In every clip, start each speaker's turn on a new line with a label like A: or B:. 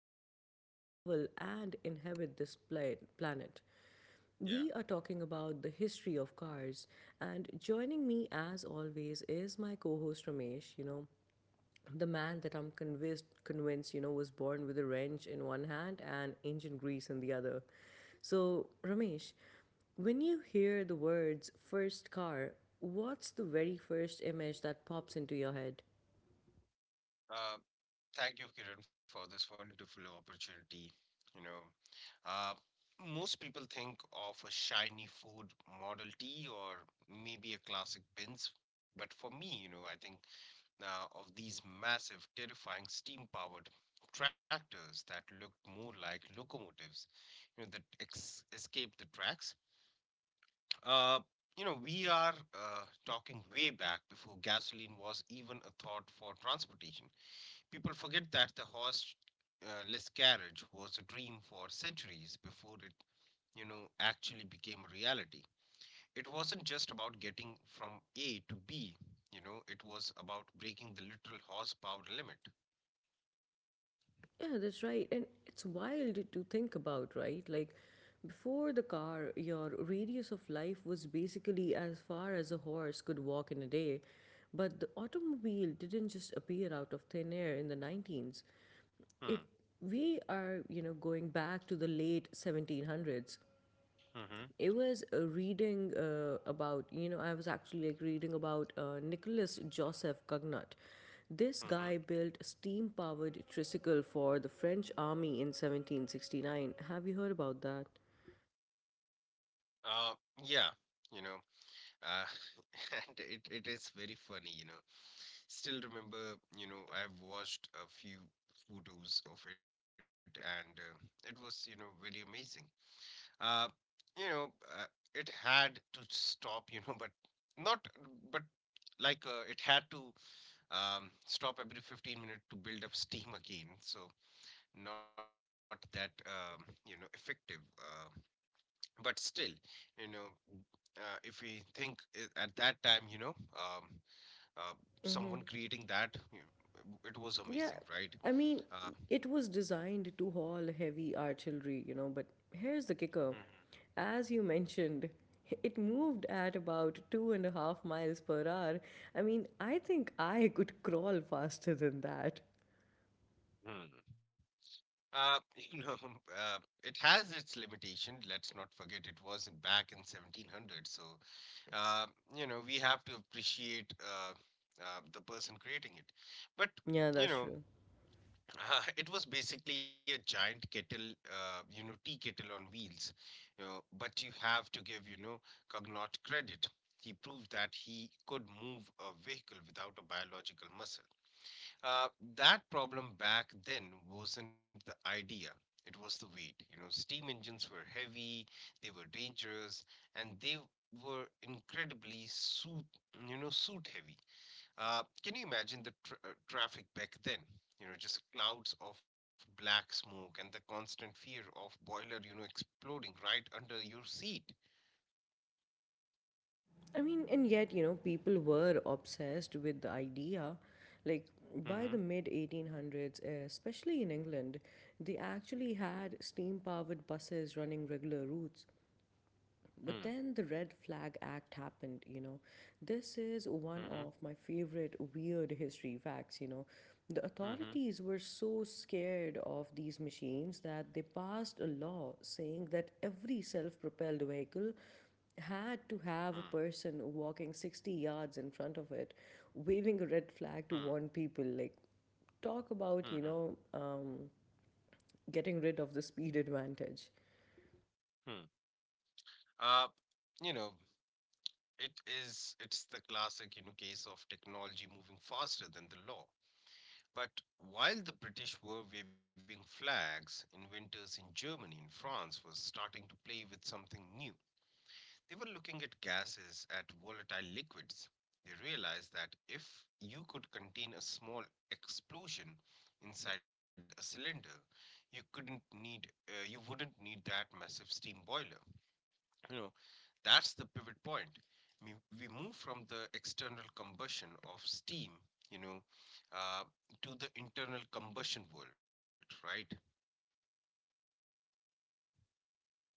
A: move, travel, and inhabit this planet.
B: Yeah.
A: We are talking about the history of cars, and joining me as always is my co host Ramesh. The man that I'm convinced was born with a wrench in one hand and engine grease in the other. So Ramesh, when you hear the words first car, what's the very first image that pops into your head?
B: Uh, Thank you, Kiran, for this wonderful opportunity. You know, uh, Most people think of a shiny food Model T or maybe a classic Benz. But for me, I think of these massive, terrifying steam powered tractors that looked more like locomotives, that escaped the tracks. Uh, we are talking way back before gasoline was even a thought for transportation. People forget that the horseless carriage was a dream for centuries before it actually became a reality. It wasn't just about getting from A to B, it was about breaking the literal horsepower limit.
A: Yeah, that's right. And it's wild to think about, right? Like before the car, your radius of life was basically as far as a horse could walk in a day. But the automobile didn't just appear out of thin air in the 19s. It
B: Hmm.
A: we are, you know, Going back to the late 1700s.
B: Mm-hmm.
A: It was reading about, you know, I was actually reading about Nicholas Joseph Cugnot. This
B: Mm-hmm.
A: guy built a steam-powered tricycle for the French army in 1769. Have you heard about that?
B: Uh, yeah. you know, uh, it is very funny, Still remember, I've watched a few photos of it, and it was, very amazing. uh, you know, uh, it had to stop, you know, but not, but it had to stop every 15 minutes to build up steam again. So not that effective, but still, you know, if we think at that time, um, uh, someone creating that, it was amazing, right?
A: Yeah, I
B: Uh,
A: mean, it was designed to haul heavy artillery, you know, but here's the kicker. As you mentioned, it moved at about 2.5 miles per hour. I mean, I think I could crawl faster than that.
B: mhm. Uh, you know, uh, it has its limitation. Let's not forget it was back in 1700. So, uh, we have to appreciate the person creating it. But, you
A: Yeah,
B: know,
A: that's true.
B: it was basically a giant kettle, tea kettle on wheels. But you have to give, Cognot credit. He proved that he could move a vehicle without a biological muscle. Uh, that problem back then wasn't the idea. It was the weight. You know, steam engines were heavy, they were dangerous, and they were incredibly suit heavy. Can you imagine the traffic back then? You know, just clouds of black smoke and the constant fear of boiler exploding right under your seat.
A: I mean, and yet, you know, people were obsessed with the idea. Like,
B: Mm-hmm.
A: by the mid 1800s, especially in England, they actually had steam powered buses running regular routes. But then the Red Flag Act happened, you know. This is
B: Mm-hmm.
A: one of my favorite weird history facts, you know. The
B: Mm-hmm.
A: authorities were so scared of these machines that they passed a law saying that every self propelled vehicle
B: Mm-hmm.
A: had to have a person walking 60 yards in front of it, waving a red flag to warn people. Like, talk
B: Mm-hmm.
A: about, you know, getting rid of the speed advantage.
B: Mm-hmm. Uh, you know, It is, it's the classic, case of technology moving faster than the law. But while the British were waving flags, inventors in Germany and France were starting to play with something new. They were looking at gases, at volatile liquids. They realized that if you could contain a small explosion inside a cylinder, you wouldn't need that massive steam boiler. You know, that's the pivot point. We, we move from the external combustion of steam, you know, uh, to the internal combustion world, right?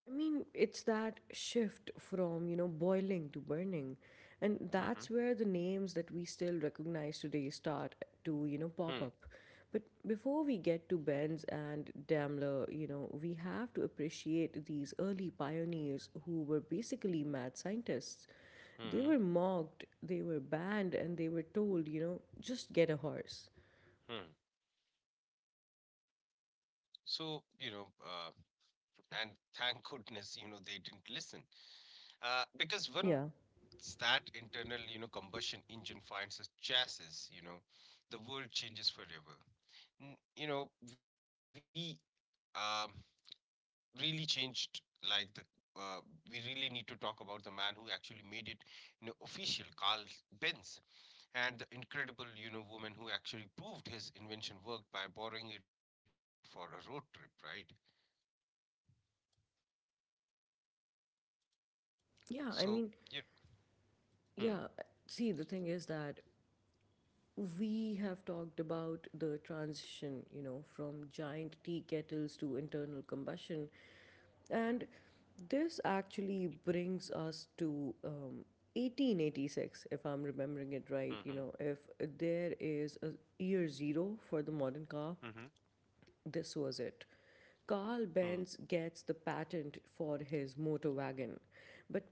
A: I mean, it's that shift from, you know, boiling to burning. And
B: Mm-hmm.
A: that's where the names that we still recognize today start to, you know, pop up. But before we get to Benz and Daimler, you know, we have to appreciate these early pioneers who were basically mad scientists. They
B: hmm
A: were mocked, they were banned, and they were told, you know, just get a horse.
B: hmm So, you know, uh, and thank goodness, they didn't listen. Because when
A: Yeah.
B: that internal combustion engine finds a chassis, the world changes forever. N- You know, we, um, really changed like the uh, we really need to talk about the man who actually made it, official, Carl Benz, and the incredible, woman who actually proved his invention worked by borrowing it for a road trip, right?
A: Yeah,
B: So,
A: I mean,
B: you hmm,
A: yeah. See, the thing is that we have talked about the transition, you know, from giant tea kettles to internal combustion. And this actually brings us to 1886, if I'm remembering it
B: mm-hmm,
A: right. You know, if there is a year zero for the modern car,
B: mm-hmm,
A: this was it. Carl
B: mm,
A: Benz gets the patent for his motor wagon. But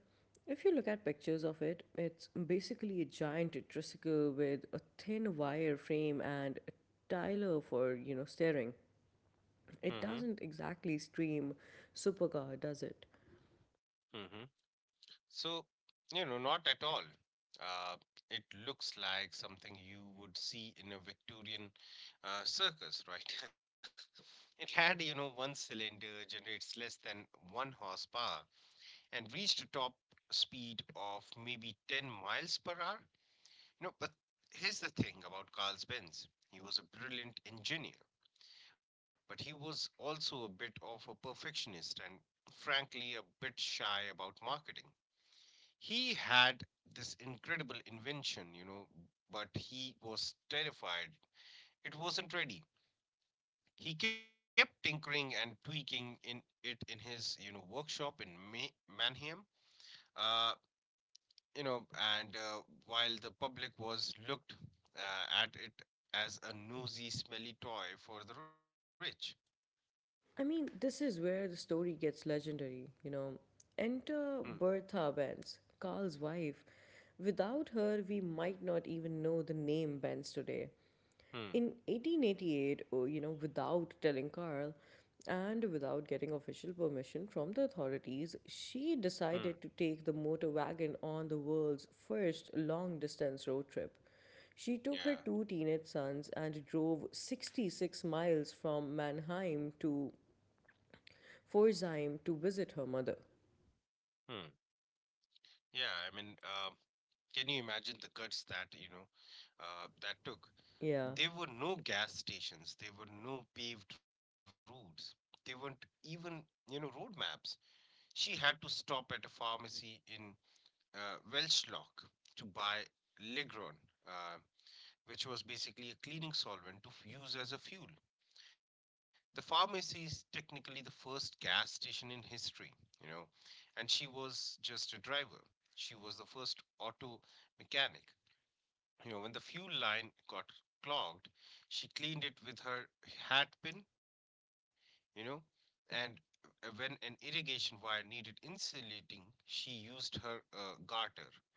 A: if you look at pictures of it, it's basically a giant tricycle with a thin wire frame and a Tyler for, you know, steering.
B: mm-hmm,
A: It doesn't exactly scream supercar, does it?
B: mm-hmm. so, you know, Not at all. Uh, it looks like something you would see in a Victorian circus, right? It had, one cylinder generates less than one horsepower and reached a top speed of maybe 10 miles per hour. You know, but here's the thing about Carl Benz. He was a brilliant engineer, but he was also a bit of a perfectionist and frankly a bit shy about marketing. He had this incredible invention, but he was terrified. It wasn't ready. He kept tinkering and tweaking in it in his, you know, workshop in Manheim. Uh, you know, and While the public was looked at it as a nosy, smelly toy for the rich.
A: I mean, this is where the story gets legendary, you know. Enter
B: Hmm.
A: Bertha Benz, Carl's wife. Without her, we might not even know the name Benz today. In
B: Hmm.
A: 1888, you know, without telling Karl and without getting official permission from the authorities, she
B: Hmm.
A: decided to take the motor wagon on the world's first long distance road trip. She took her
B: Yeah.
A: two teenage sons and drove 66 miles from Mannheim to Pforzheim to visit her mother.
B: Hmm. Yeah, I mean, can you imagine the guts that, that took?
A: Yeah.
B: There were no gas stations, there were no paved roads, there weren't even, road maps. She had to stop at a pharmacy in Welchlock to buy Ligron, uh, which was basically a cleaning solvent to use as a fuel. The pharmacy is technically the first gas station in history, you know, and she was just a driver. She was the first auto mechanic. You know, when the fuel line got clogged, she cleaned it with her hat pin, you know, and when an irrigation wire needed insulating, she used her garter, right?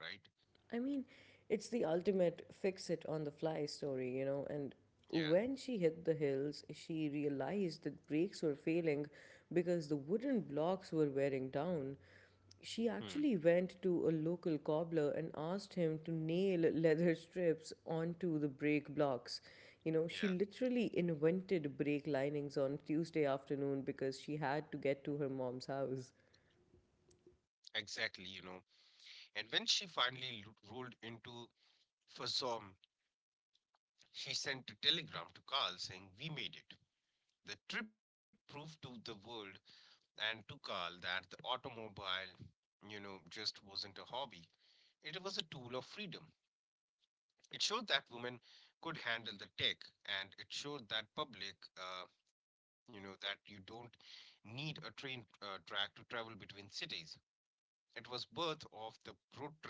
A: I mean, it's the ultimate fix it on the fly story, you know. And
B: Yeah.
A: when she hit the hills, she realized that brakes were failing because the wooden blocks were wearing down. She
B: Hmm.
A: actually went to a local cobbler and asked him to nail leather strips onto the brake blocks. You know, she
B: Yeah,
A: literally invented brake linings on Tuesday afternoon because she had to get to her mom's house.
B: exactly, and when she finally rolled into Fasom, she sent a telegram to Carl saying, "We made it." The trip proved to the world and to Carl that the automobile, just wasn't a hobby. It was a tool of freedom. It showed that women could handle the tech, and it showed that public, that you don't need a train track to travel between cities. It was birth of the road trip.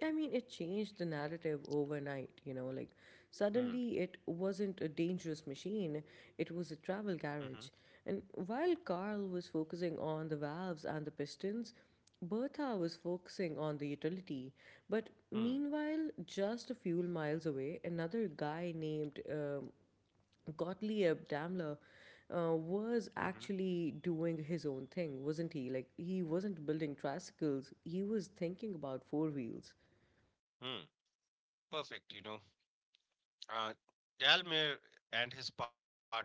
A: I mean, it changed the narrative overnight, you know, like suddenly it wasn't a dangerous machine, it was a
B: Hmm.
A: travel carriage. And while Carl was focusing on the valves and the pistons, Bertha was focusing on the utility. But
B: Hmm.
A: meanwhile, just a few miles away, another guy named Gottlieb Daimler was
B: hmm
A: actually doing his own thing, wasn't he? Like, he wasn't building tricycles, he was thinking about four wheels.
B: Hmm. Perfect. Uh, Dalmere and his partner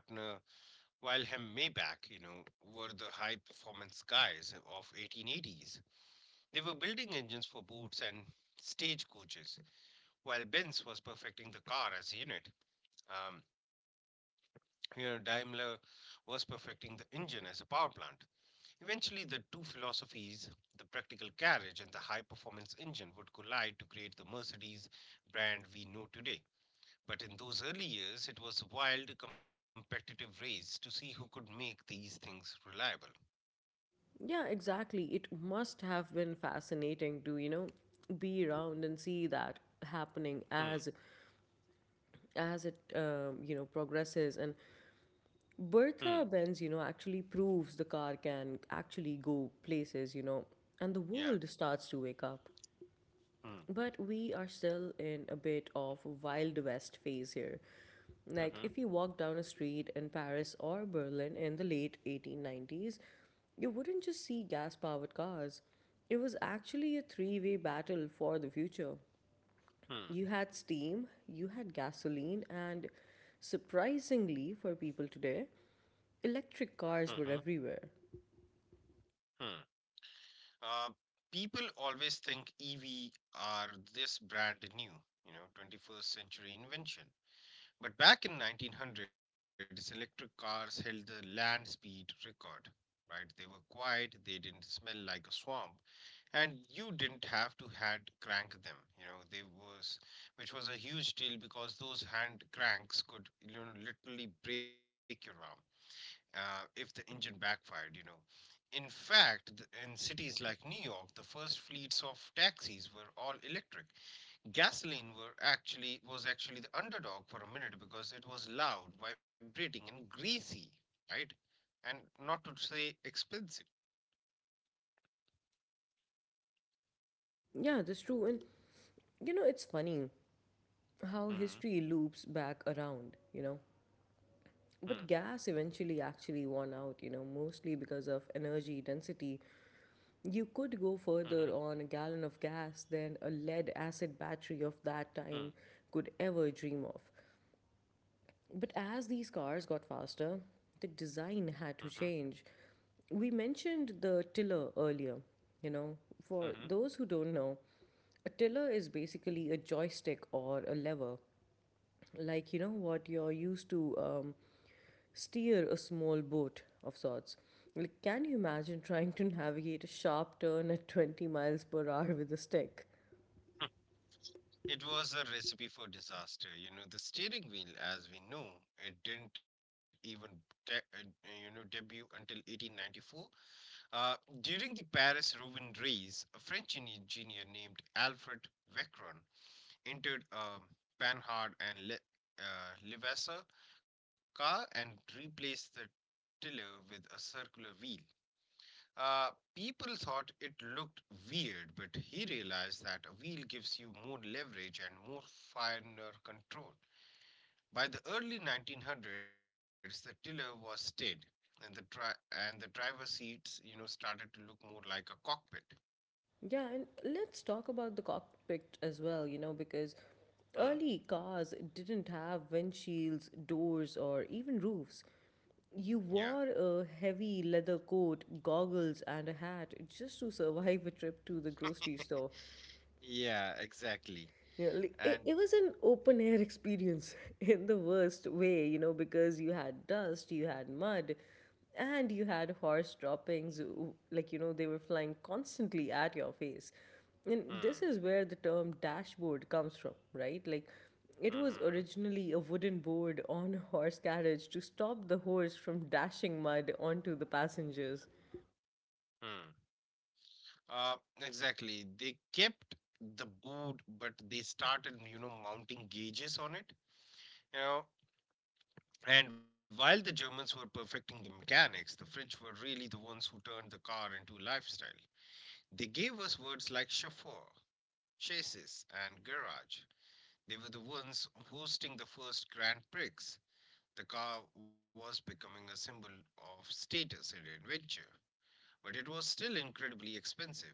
B: Wilhelm Maybach, were the high-performance guys of 1880s. They were building engines for boats and stage coaches, while Benz was perfecting the car as a unit. Um, Daimler was perfecting the engine as a power plant. Eventually, the two philosophies, the practical carriage and the high-performance engine, would collide to create the Mercedes brand we know today. But in those early years, it was a wild competitive race to see who could make these things reliable.
A: Yeah, exactly. It must have been fascinating to, you know, be around and see that happening
B: Hmm.
A: as it you know progresses. And
B: Hmm.
A: Bertha Benz you know actually proves the car can actually go places, you know, and the
B: Yeah.
A: world starts to wake up,
B: Hmm.
A: but we are still in a bit of Wild West phase here. Like, if
B: Mm-hmm.
A: you walk down a street in Paris or Berlin in the late 1890s, you wouldn't just see gas powered cars. It was actually a three-way battle for the future.
B: Hmm.
A: You had steam, you had gasoline, and surprisingly for people today, electric
B: Mm-hmm.
A: cars were everywhere.
B: Hmm. Uh, People always think EV are this brand new, 21st century invention. But back in 1900s, electric cars held the land speed record, right? They were quiet, they didn't smell like a swamp, and you didn't have to hand crank them, you know they was which was a huge deal because those hand cranks could, you know, literally break your arm if the engine backfired, in fact, in cities like New York the first fleets of taxis were all electric. Gasoline were actually was actually the underdog for a minute because it was loud, vibrating and greasy, right, and not to say expensive.
A: Yeah, that's true. And you know, it's funny how history loops back around, you know?
B: Mm-hmm.
A: But gas eventually actually won out, you know, mostly because of energy density. You could go further
B: Mm-hmm.
A: on a gallon of gas than a lead acid battery of that time could ever dream of. But as these cars got faster, the design
B: Mm-hmm.
A: had to change. We mentioned the tiller earlier, you know,
B: Mm-hmm.
A: for those who don't know, a tiller is basically a joystick or a lever like you know what you're used to steer a small boat of sorts. Like, can you imagine trying to navigate a sharp turn at 20 miles per hour with a stick?
B: It was a recipe for disaster. You know, the steering wheel, as we know, it didn't even, debut until 1894. Uh, During the Paris-Rouen race, a French engineer named Alfred Vecron entered a Panhard and Levasseur car and replaced the tiller with a circular wheel. Uh, People thought it looked weird, but he realized that a wheel gives you more leverage and more finer control. By the early 1900s, the tiller was steady, and the driver's seats, started to look more like a cockpit.
A: Yeah, and let's talk about the cockpit as well, you know, because
B: Hmm.
A: early cars didn't have windshields, doors, or even roofs.
B: Yeah.
A: You wore a heavy leather coat, goggles, and a hat just to survive a trip to the grocery store.
B: Yeah, exactly.
A: Yeah, li- it,
B: And
A: it was an open air experience in the worst way, you know, because you had dust, you had mud, and you had horse droppings. Like, you know, they were flying constantly at your face. And this
B: Hmm.
A: is where the term dashboard comes from, right? Like, it was
B: Hmm.
A: originally a wooden board on a horse carriage to stop the horse from dashing mud onto the passengers.
B: Hmm. Exactly. They kept the boot, but they started, mounting gauges on it. You know, And while the Germans were perfecting the mechanics, the French were really the ones who turned the car into a lifestyle. They gave us words like chauffeur, chassis, and garage. They were the ones hosting the first Grand Prix. The car was becoming a symbol of status and adventure, but it was still incredibly expensive.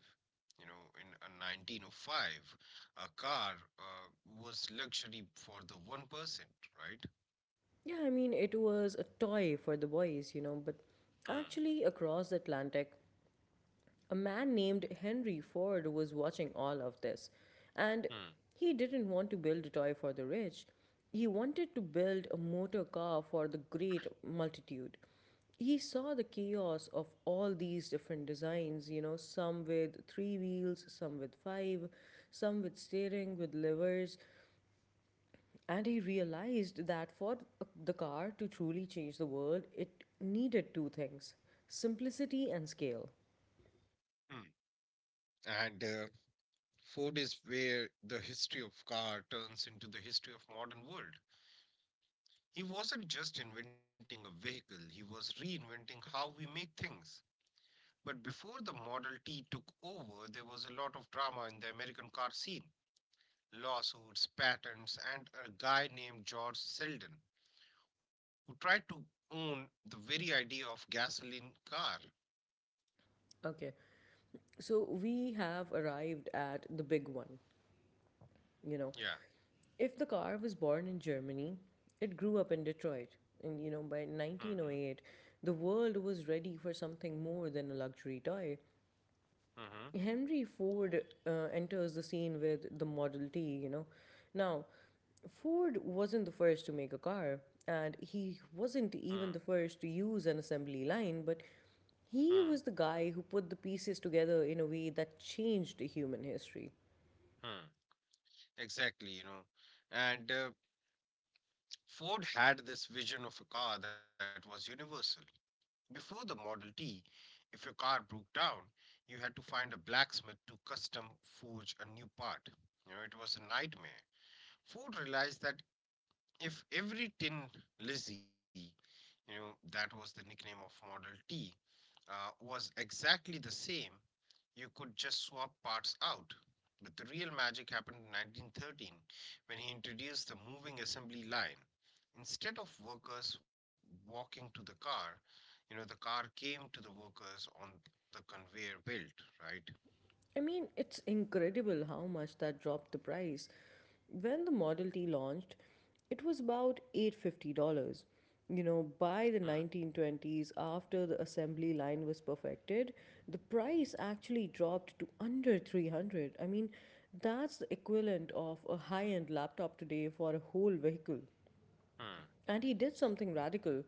B: You know, in 1905, a car uh, was luxury for the one person, right?
A: Yeah, I mean, it was a toy for the boys, you know, but
B: Hmm.
A: actually, across the Atlantic, a man named Henry Ford was watching all of this, and he didn't want to build a toy for the rich. He wanted to build a motor car for the great multitude. He saw the chaos of all these different designs, you know, some with three wheels, some with five, some with steering, with levers, and he realized that for the car to truly change the world, it needed two things: simplicity and scale.
B: Hmm. Mm. And Ford is where the history of car turns into the history of modern world. He wasn't just inventing a vehicle, he was reinventing how we make things. But before the Model T took over, there was a lot of drama in the American car scene. Lawsuits, patents, and a guy named George Selden who tried to own the very idea of gasoline car.
A: Okay, so we have arrived at the big one, you know.
B: Yeah.
A: If the car was born in Germany, it grew up in Detroit. And you know, by
B: Mm-hmm.
A: 1908, the world was ready for something more than a luxury toy.
B: Mm-hmm.
A: Henry Ford enters the scene with the Model T, you know. Now, Ford wasn't the first to make a car, and he wasn't even the first to use an assembly line, but
B: Mm-hmm.
A: he was the guy who put the pieces together in a way that changed human history.
B: Mm-hmm. Exactly, and Ford had this vision of a car that was universal. Before the Model T, if your car broke down, you had to find a blacksmith to custom forge a new part. You know, it was a nightmare. Ford realized that if every tin Lizzie, that was the nickname of Model T, was exactly the same, you could just swap parts out. But the real magic happened in 1913 when he introduced the moving assembly line. Instead of workers walking to the car, the car came to the workers on the conveyor belt, right?
A: I mean, it's incredible how much that dropped the price. When the Model T launched, it was about $850. You know,
B: Hmm,
A: by the 1920s, after the assembly line was perfected, the price actually dropped to under 300. I mean, that's the equivalent of a high-end laptop today for a whole vehicle.
B: hmm,
A: And he did something radical.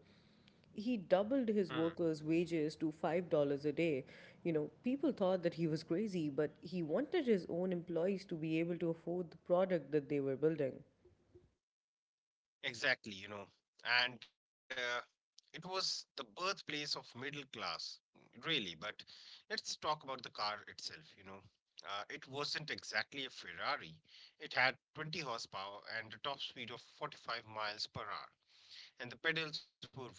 A: He doubled
B: hmm.
A: his workers' wages to $5 a day. You know, people thought that he was crazy, but he wanted his own employees to be able to afford the product that they were building.
B: Exactly, and it was the birthplace of middle class, really. But let's talk about the car itself, It wasn't exactly a Ferrari. It had 20 horsepower and a top speed of 45 miles per hour, and the pedals were weird.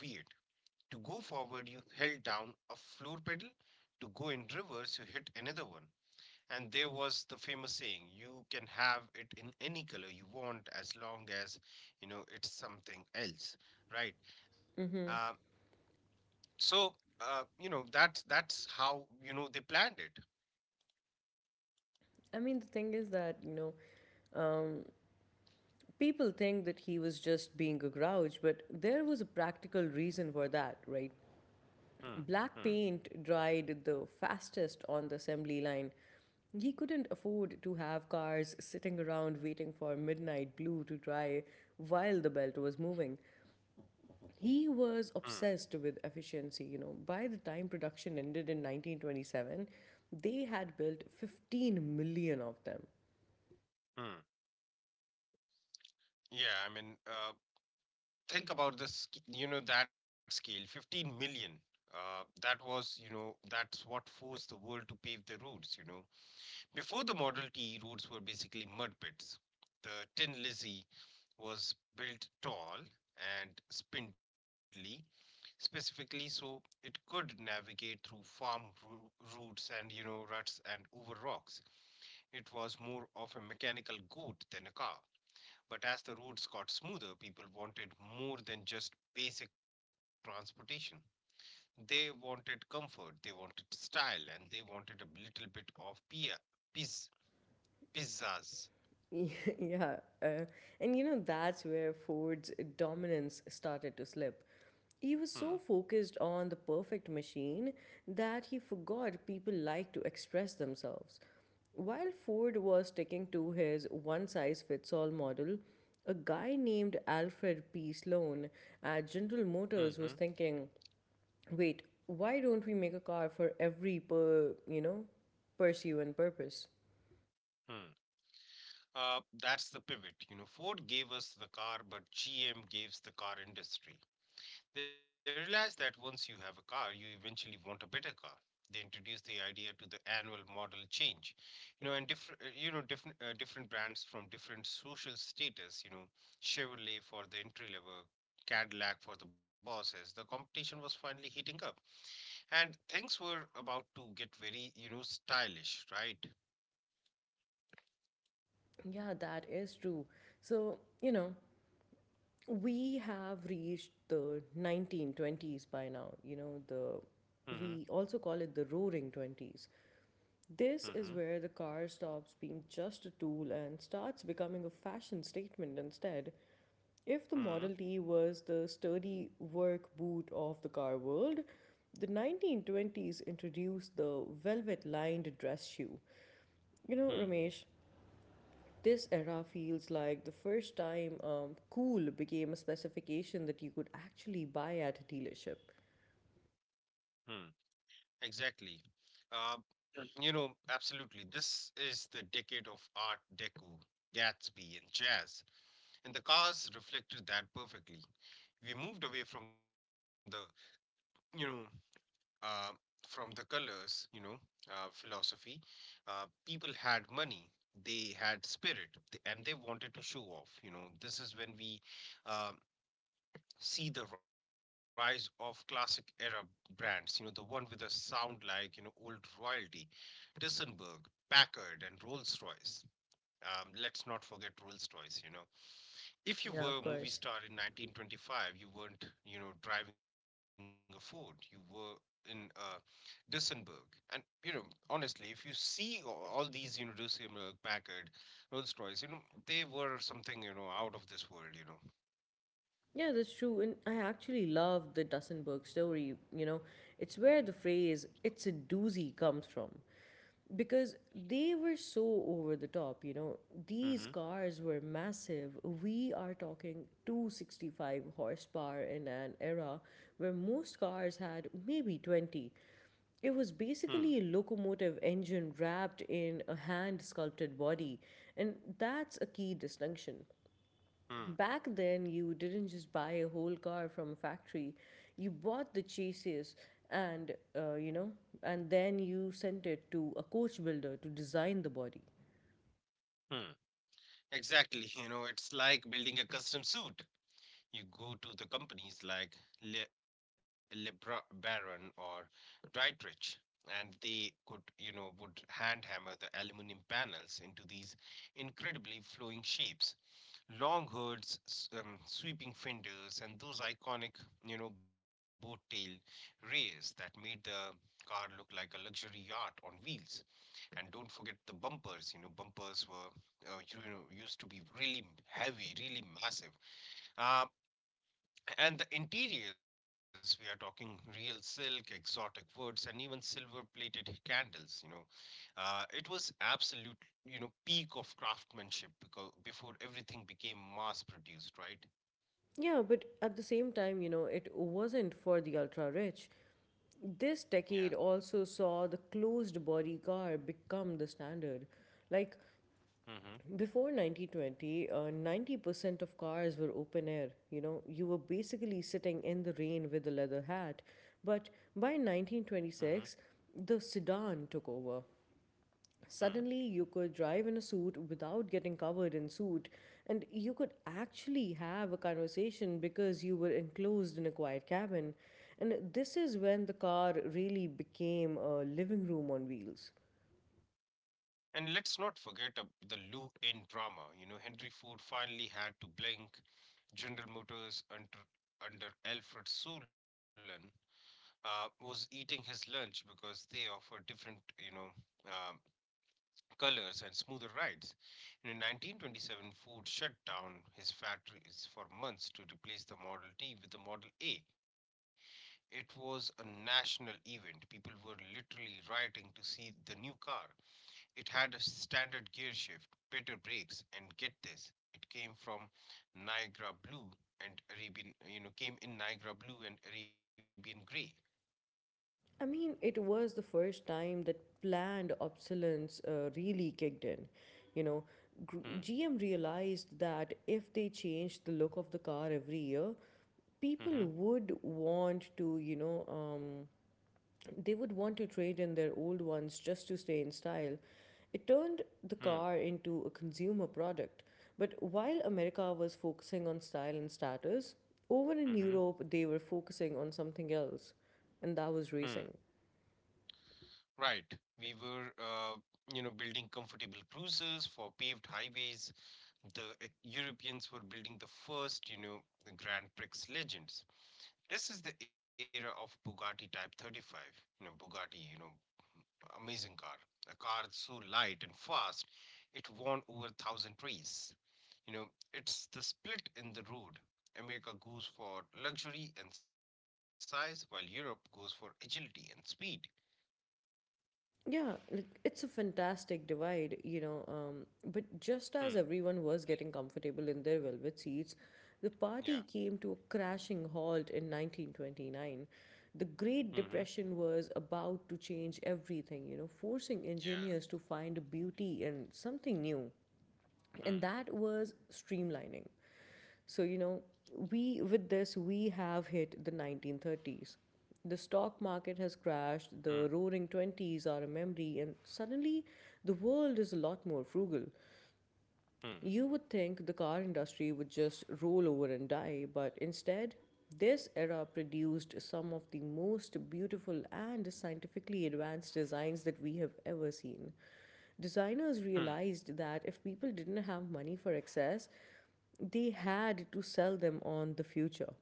B: To go forward, you held down a floor pedal. To go in reverse, you hit another one. And there was the famous saying, "You can have it in any color you want as long as, it's something else." Right? Uh, so, that's how, they planned it.
A: I mean, the thing is that, you know, um, people think that he was just being a grouch, but there was a practical reason for that, right?
B: Hmm. Hmm.
A: Black paint dried the fastest on the assembly line. He couldn't afford to have cars sitting around waiting for midnight blue to dry while the belt was moving. He
B: Hmm.
A: was obsessed with efficiency, you know. By the time production ended in 1927, they had built 15 million of them.
B: Hmm. Yeah, I mean, think about this, you know, that scale, 15 million. That was, that's what forced the world to pave the roads, you know. Before the Model T, roads were basically mud pits. The Tin Lizzy was built tall and spindly, specifically so it could navigate through farm roots and, you know, ruts and over rocks. It was more of a mechanical goat than a car. But as the roads got smoother, people wanted more than just basic transportation. They wanted comfort, they wanted style, and they wanted a little bit of piz, pizzas.
A: Yeah, uh, and you know, that's where Ford's dominance started to slip. He
B: Hmm.
A: was so focused on the perfect machine that he forgot people like to express themselves. While Ford was sticking to his one size fits all model, a guy named Alfred P. Sloan at General
B: Mm-hmm.
A: Motors was thinking, wait, why don't we make a car for every pursue and purpose?
B: That's the pivot. You know, Ford gave us the car, but GM gives the car industry. They realized that once you have a car, you eventually want a better car. They introduced the idea to the annual model change, you know, and different different brands from different social status. You know, Chevrolet for the entry level, Cadillac for the bosses. The competition was finally heating up, and things were about to get very, you know, stylish, right?
A: Yeah, that is true. So, you know, we have reached the 1920s by now, you know, the
B: Mm-hmm.
A: we also call it the roaring 20s.
B: Mm-hmm.
A: This is where the car stops being just a tool and starts becoming a fashion statement instead. If the
B: Hmm.
A: Model T was the sturdy work boot of the car world, the 1920s introduced the velvet lined dress shoe. You know,
B: Hmm.
A: Ramesh, this era feels like the first time cool became a specification that you could actually buy at a dealership.
B: Hmm. Exactly. Uh, Absolutely. This is the decade of Art Deco, Gatsby, and jazz, and the cars reflected that perfectly. We moved away from you know, uh, from the colors, philosophy. People had money. They had spirit, and they wanted to show off. You know, this is when we uh, see the rise of classic era brands, you know, the one with a sound like, you know, old royalty: Dissenberg, Packard, and Rolls Royce. Let's not forget Rolls Royce, you know. If you were
A: Yeah,
B: a
A: of
B: movie
A: course.
B: star in 1925, you weren't, you know, driving a Ford, you were in Dissenberg. And, you know, honestly, if you see all these, you know, Dissenberg, Packard, Rolls Royce, you know, they were something, you know, out of this world, you know.
A: Yeah, that's true. And I actually love the Dussenberg story. You know, it's where the phrase, it's a doozy, comes from. Because they were so over the top, you know.
B: Mm-hmm.
A: These cars were massive. We are talking 265 horsepower in an era where most cars had maybe 20. It was
B: Hmm.
A: basically a locomotive engine wrapped in a hand sculpted body, and that's a key distinction.
B: Hmm.
A: Back then, you didn't just buy a whole car from a factory, you bought the chassis and uh, you know and then you sent it to a coach builder to design the body.
B: Hmm. Exactly. You know, it's like building a custom suit. You go to the companies like Lebra Baron or Dietrich, and they could, you know, would hand hammer the aluminum panels into these incredibly flowing shapes. Long hoods, sweeping fenders, and those iconic, you know, boat tail rays that made the car look like a luxury yacht on wheels. And don't forget the bumpers. You know, bumpers were, used to be really heavy, really massive. Uh, and the interiors, we are talking real silk, exotic woods, and even silver-plated candles. It was absolute, you know, peak of craftsmanship because before everything became mass-produced, right?
A: Yeah, but at the same time, you know, it wasn't for the ultra rich.
B: Yeah.
A: This decade also saw the closed body car become the standard. Like,
B: Mm-hmm.
A: before 1920, 90% of cars were open air. You know, you were basically sitting in the rain with a leather hat. But by
B: Mm-hmm.
A: 1926, the sedan took over. Suddenly, you could drive in a suit without getting covered in soot, and you could actually have a conversation because you were enclosed in a quiet cabin. And this is when the car really became a living room on wheels.
B: And let's not forget the Lou in drama. You know, Henry Ford finally had to blink. General Motors under Alfred Sullivan was eating his lunch because they offered different, um colors and smoother rides. And in 1927, Ford shut down his factories for months to replace the Model T with the Model A. It was a national event. People were literally rioting to see the new car. It had a standard gear shift, better brakes, and get this, it came from Niagara Blue and Arabian, you know, came in Niagara Blue and Arabian Grey.
A: I mean, it was the first time that planned obsolescence really kicked in. You know,
B: Hmm.
A: GM realized that if they changed the look of the car every year, people
B: Hmm.
A: would want to, they would want to trade in their old ones just to stay in style. It turned the
B: Hmm.
A: car into a consumer product. But while America was focusing on style and status, over in
B: Hmm.
A: Europe they were focusing on something else, and that was
B: Hmm.
A: racing.
B: Right. We were, you know, building comfortable cruisers for paved highways. The Europeans were building the first, you know, the Grand Prix legends. This is the era of Bugatti Type 35. You know, Bugatti, you know, amazing car. A car so light and fast, it won over a thousand trees. You know, it's the split in the road. America goes for luxury and size, while Europe goes for agility and speed.
A: Yeah, like it's a fantastic divide, you know. But
B: Hmm.
A: just as everyone was getting comfortable in their velvet seats, the
B: Yeah,
A: party came to a crashing halt in 1929. The
B: hmm,
A: Great Depression was about to change everything, you know, forcing
B: yeah.
A: engineers to find beauty in something new, and
B: Hmm.
A: that was streamlining. So you know, we with this we have hit the 1930s. The stock
B: Hmm.
A: market has crashed, the roaring 20s are a memory, and suddenly the world is a lot more frugal.
B: Hmm.
A: You would think the car industry would just roll over and die, but instead this era produced some of the most beautiful and scientifically advanced designs that we have ever seen. Designers
B: Hmm.
A: realized that if people didn't have money for excess, they had to sell them on the future.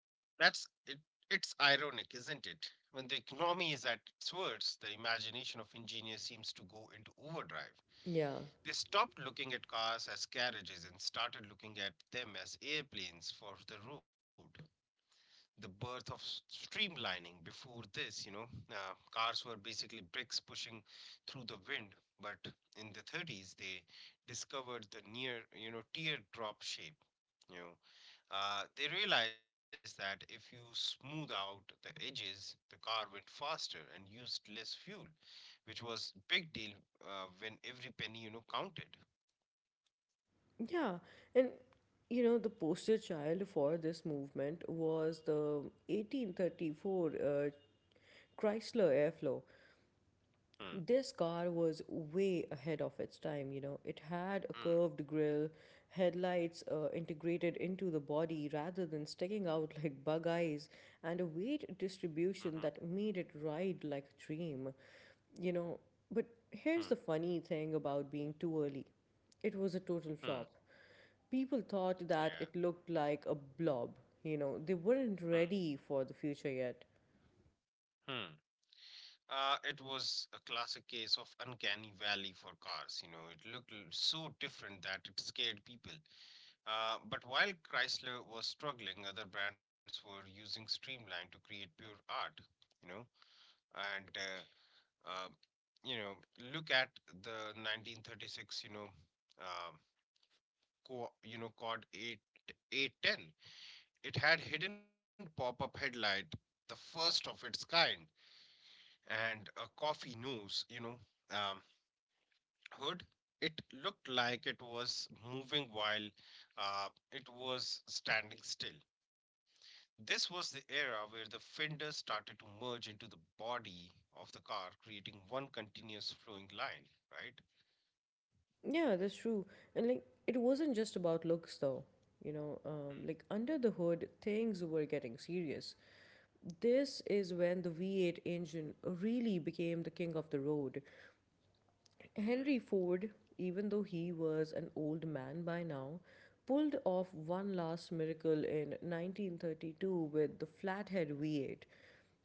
B: That's it. It's ironic, isn't it? When the economy is at its worst, the imagination of engineers seems to go into overdrive.
A: Yeah.
B: They stopped looking at cars as carriages and started looking at them as airplanes for the road. The birth of streamlining. Before this, cars were basically bricks pushing through the wind. But in the 30s, they discovered the near, you know, teardrop shape. You know, they realized that if you smooth out the edges, the car went faster and used less fuel, which was big deal when every penny, you know, counted.
A: Yeah. And you know, the poster child for this movement was the 1834 Chrysler Airflow.
B: Hmm.
A: This car was way ahead of its time. You know, it had a
B: Hmm.
A: curved grille, headlights integrated into the body rather than sticking out like bug
B: Mhm.
A: eyes, and a weight distribution that made it ride like a dream, you
B: Hmm.
A: know. But here's the funny thing about being too early: it was a
B: Hmm.
A: total flop. People
B: Yeah.
A: thought that it looked like a blob. You know, they
B: Hmm.
A: weren't ready for the future yet.
B: Hmm. It was a classic case of uncanny valley for cars. You know, it looked so different that it scared people. But while Chrysler was struggling, other brands were using Streamline to create pure art. You know, and uh, uh, you know, Look at the 1936. Uh, Quad 8 810. It had hidden pop-up headlight, the first of its kind, and a coffee nose, um, hood. It looked like it was moving while it was standing still. This was the era where the fender started to merge into the body of the car, creating one continuous flowing line,
A: Yeah, that's true. And like, it wasn't just about looks though. You know, like under the hood, things were getting serious. This is when the V8 engine really became the king of the road.
B: right?
A: Henry Ford, even though he was an old man by now, pulled off one last miracle in 1932 with the flathead V8.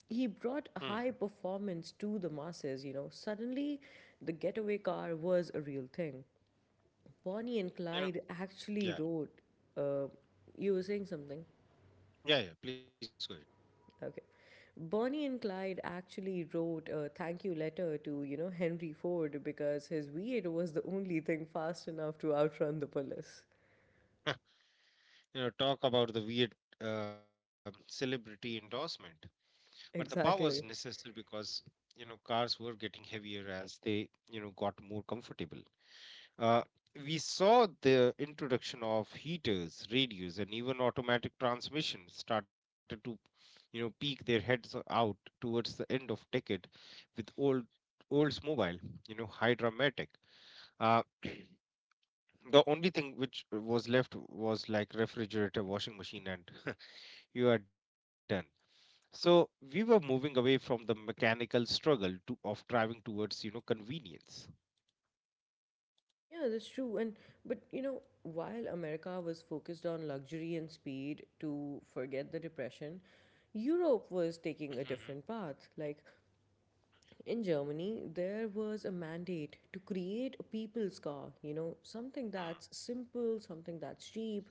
A: He
B: Hmm. Hmm.
A: brought high performance to the masses. You know, suddenly the getaway car was a real thing. Bonnie and
B: You know,
A: Clyde
B: yeah,
A: actually wrote. Uh, you were saying something?
B: yeah. Please go
A: Okay. Bonnie and Clyde actually wrote a thank you letter to, you know, Henry Ford because his V8 was the only thing fast enough to outrun the police.
B: ahead. You know, talk about the weird celebrity endorsement. But the power was
A: Exactly.
B: necessary because, you know, cars were getting heavier as they, you know, got more comfortable. uh, we saw the introduction of heaters, radios, and even automatic transmissions started to, you know, peek their heads out towards the end of decade with oldsmobile, you know, hydra matic. Uh, the only thing which was left was like refrigerator, washing machine, and you are done. So we were moving away from the mechanical struggle of driving towards, you know, convenience.
A: Yeah, that's true. And but you know, while America was focused on luxury and speed to forget the depression, Europe was
B: Mhm.
A: taking a different path. Like, in Germany, there was a mandate to create a people's car, you know, something
B: Mm.
A: that's simple, something that's cheap,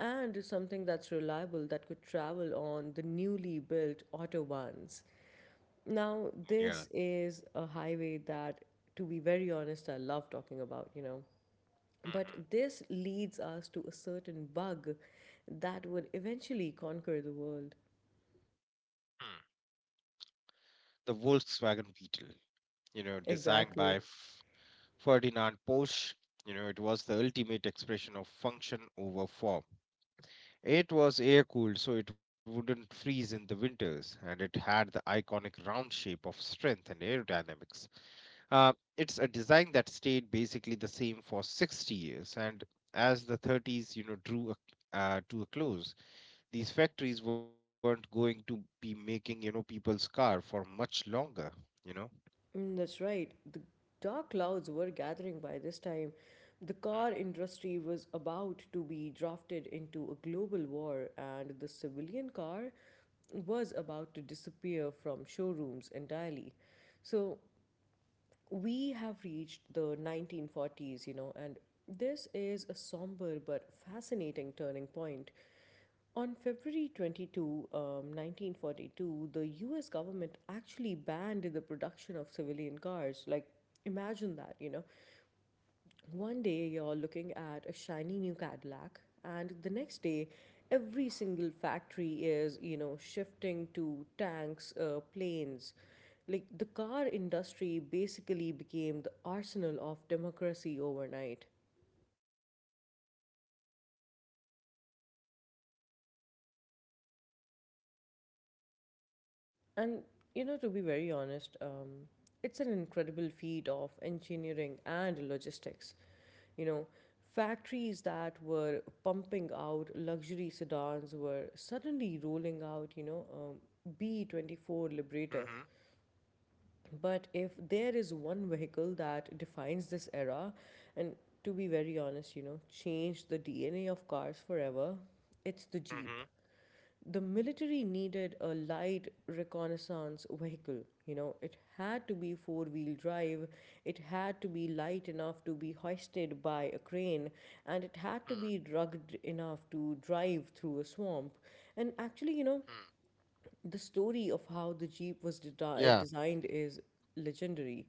A: and something that's reliable that could travel on the newly built autobahns. Now,
B: Yeah.
A: this is a highway that, to be very honest, I love talking about, you know. But
B: Mhm.
A: this leads us to a certain bug that would eventually conquer the world.
B: Mm. The Volkswagen Beetle, you know, designed by
A: Exactly.
B: Ferdinand Porsche, you know, it was the ultimate expression of function over form. It was air cooled, so it wouldn't freeze in the winters, and it had the iconic round shape of strength and aerodynamics. Uh, it's a design that stayed basically the same for 60 years, and as the 30s, you know, drew to a close, these factories weren't going to be making, you know, people's car for much longer, you know.
A: Mm, that's right. The dark clouds were gathering by this time. The car industry was about to be drafted into a global war, and the civilian car was about to disappear from showrooms entirely. So, we have reached the 1940s, you know, and this is a somber but fascinating turning point. On February 22, 1942, the US government actually banned the production of civilian cars. Like, imagine that, you know. One day you're looking at a shiny new Cadillac, and the next day, every single factory is, you know, shifting to tanks, planes. Like, the car industry basically became the arsenal of democracy overnight. And, you know, to be very honest, it's an incredible feat of engineering and logistics. You know, factories that were pumping out luxury sedans were suddenly rolling out, B24 Liberator.
B: Mm-hmm.
A: But if there is one vehicle that defines this era, and to be very honest, you know, changed the DNA of cars forever, it's the Jeep.
B: Mm-hmm.
A: The military needed a light reconnaissance vehicle. You know, it had to be four-wheel drive, it had to be light enough to be hoisted by a crane, and it had to be rugged enough to drive through a swamp. And actually, you know,
B: Mm-hmm.
A: the story of how the jeep was
B: Yeah,
A: designed is legendary.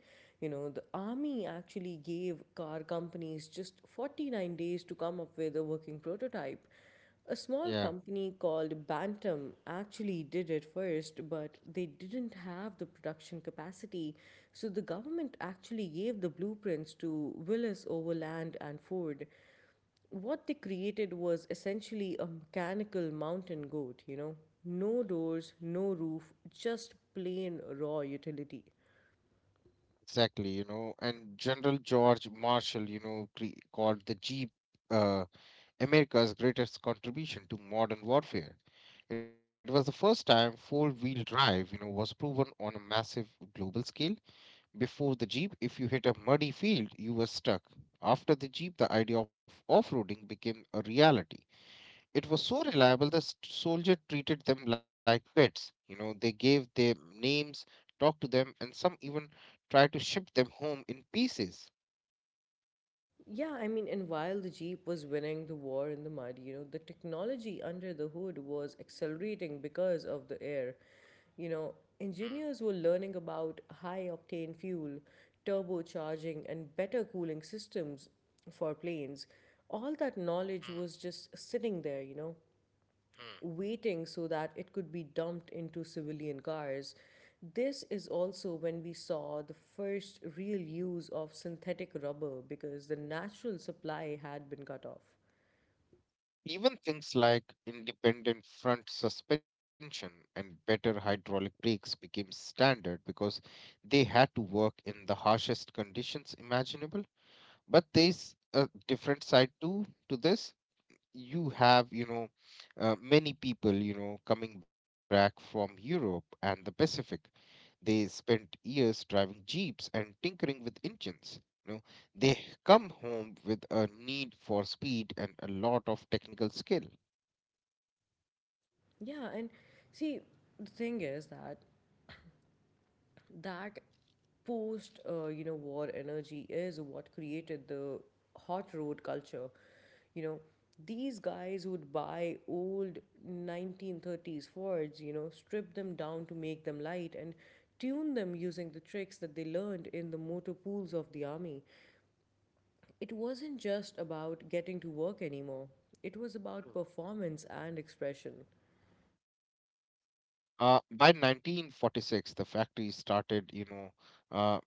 A: You know, the army actually gave car companies just 49 days to come up with a working prototype. A small
B: yeah,
A: company called Bantam actually did it first, but they didn't have the production capacity. So the government actually gave the blueprints to Willis Overland and Ford. What they created was essentially a mechanical mountain goat, you know? No doors, no roof, just plain raw utility.
B: exactly. You know, and General George Marshall, you know, called the Jeep uh, America's greatest contribution to modern warfare. It was the first time four-wheel drive, you know, was proven on a massive global scale. Before the Jeep, if you hit a muddy field, you were stuck. After the Jeep, the idea of off roading became a reality. It was so reliable the soldier treated them like pets. You know, they gave them names, talked to them, and some even tried to ship them home in pieces.
A: Yeah, I mean, and while the Jeep was winning the war in the mud, you know, the technology under the hood was accelerating because of the air. You know,
B: Hmm,
A: engineers were learning about high octane fuel, turbocharging, and better cooling systems for planes. All that knowledge
B: hmm,
A: was just sitting there, you know,
B: hmm.
A: waiting so that it could be dumped into civilian cars. This is also when we saw the first real use of synthetic rubber because the natural supply had been cut off.
B: Even things like independent front suspension and better hydraulic brakes became standard because they had to work in the harshest conditions imaginable. But there's a different side too to this. You have, you know, many people, you know, coming back from Europe and the Pacific. They spent years driving jeeps and tinkering with engines. You know, they come home with a need for speed and a lot of technical skill.
A: Yeah, and see, the thing is that that post you know, war energy is what created the hot road culture. You know, these guys would buy old 1930s fords, you know, strip them down to make them light and tune them using the tricks that they learned in the motor pools of the army. It wasn't just about getting to work anymore, it was about
B: Mm.
A: performance and expression.
B: By 1946, the factory started, uh,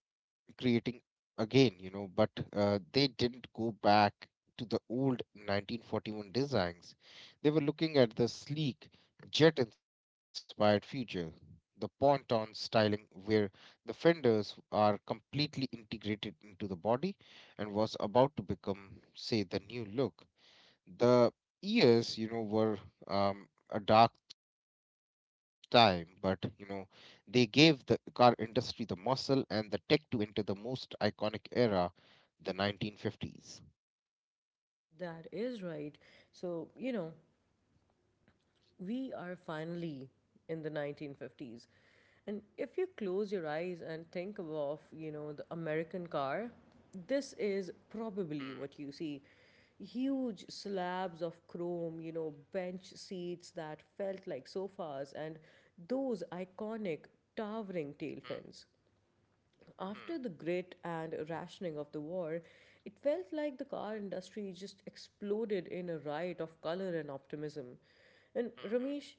B: creating again, you know, but they didn't go back to the old 1941 designs. They were looking at the sleek, jet inspired future, the ponton styling where the fenders are completely integrated into the body and was about to become, say, the new look. The years, you know, were a dark time, but you know, they gave the car industry the muscle and the tech to enter the most iconic era, the 1950s.
A: That is right. So you know, we are finally in the 1950s. And if you close your eyes and think of, you know, the American car, this is
B: Hmm,
A: probably what you see. Huge slabs of chrome, you know, bench seats that felt like sofas, and those iconic towering
B: hmm,
A: tail fins.
B: hmm, hmm,
A: After the grit and rationing of the war, it felt like the car industry just exploded in a riot of color and optimism. And
B: hmm. Hmm.
A: Ramesh,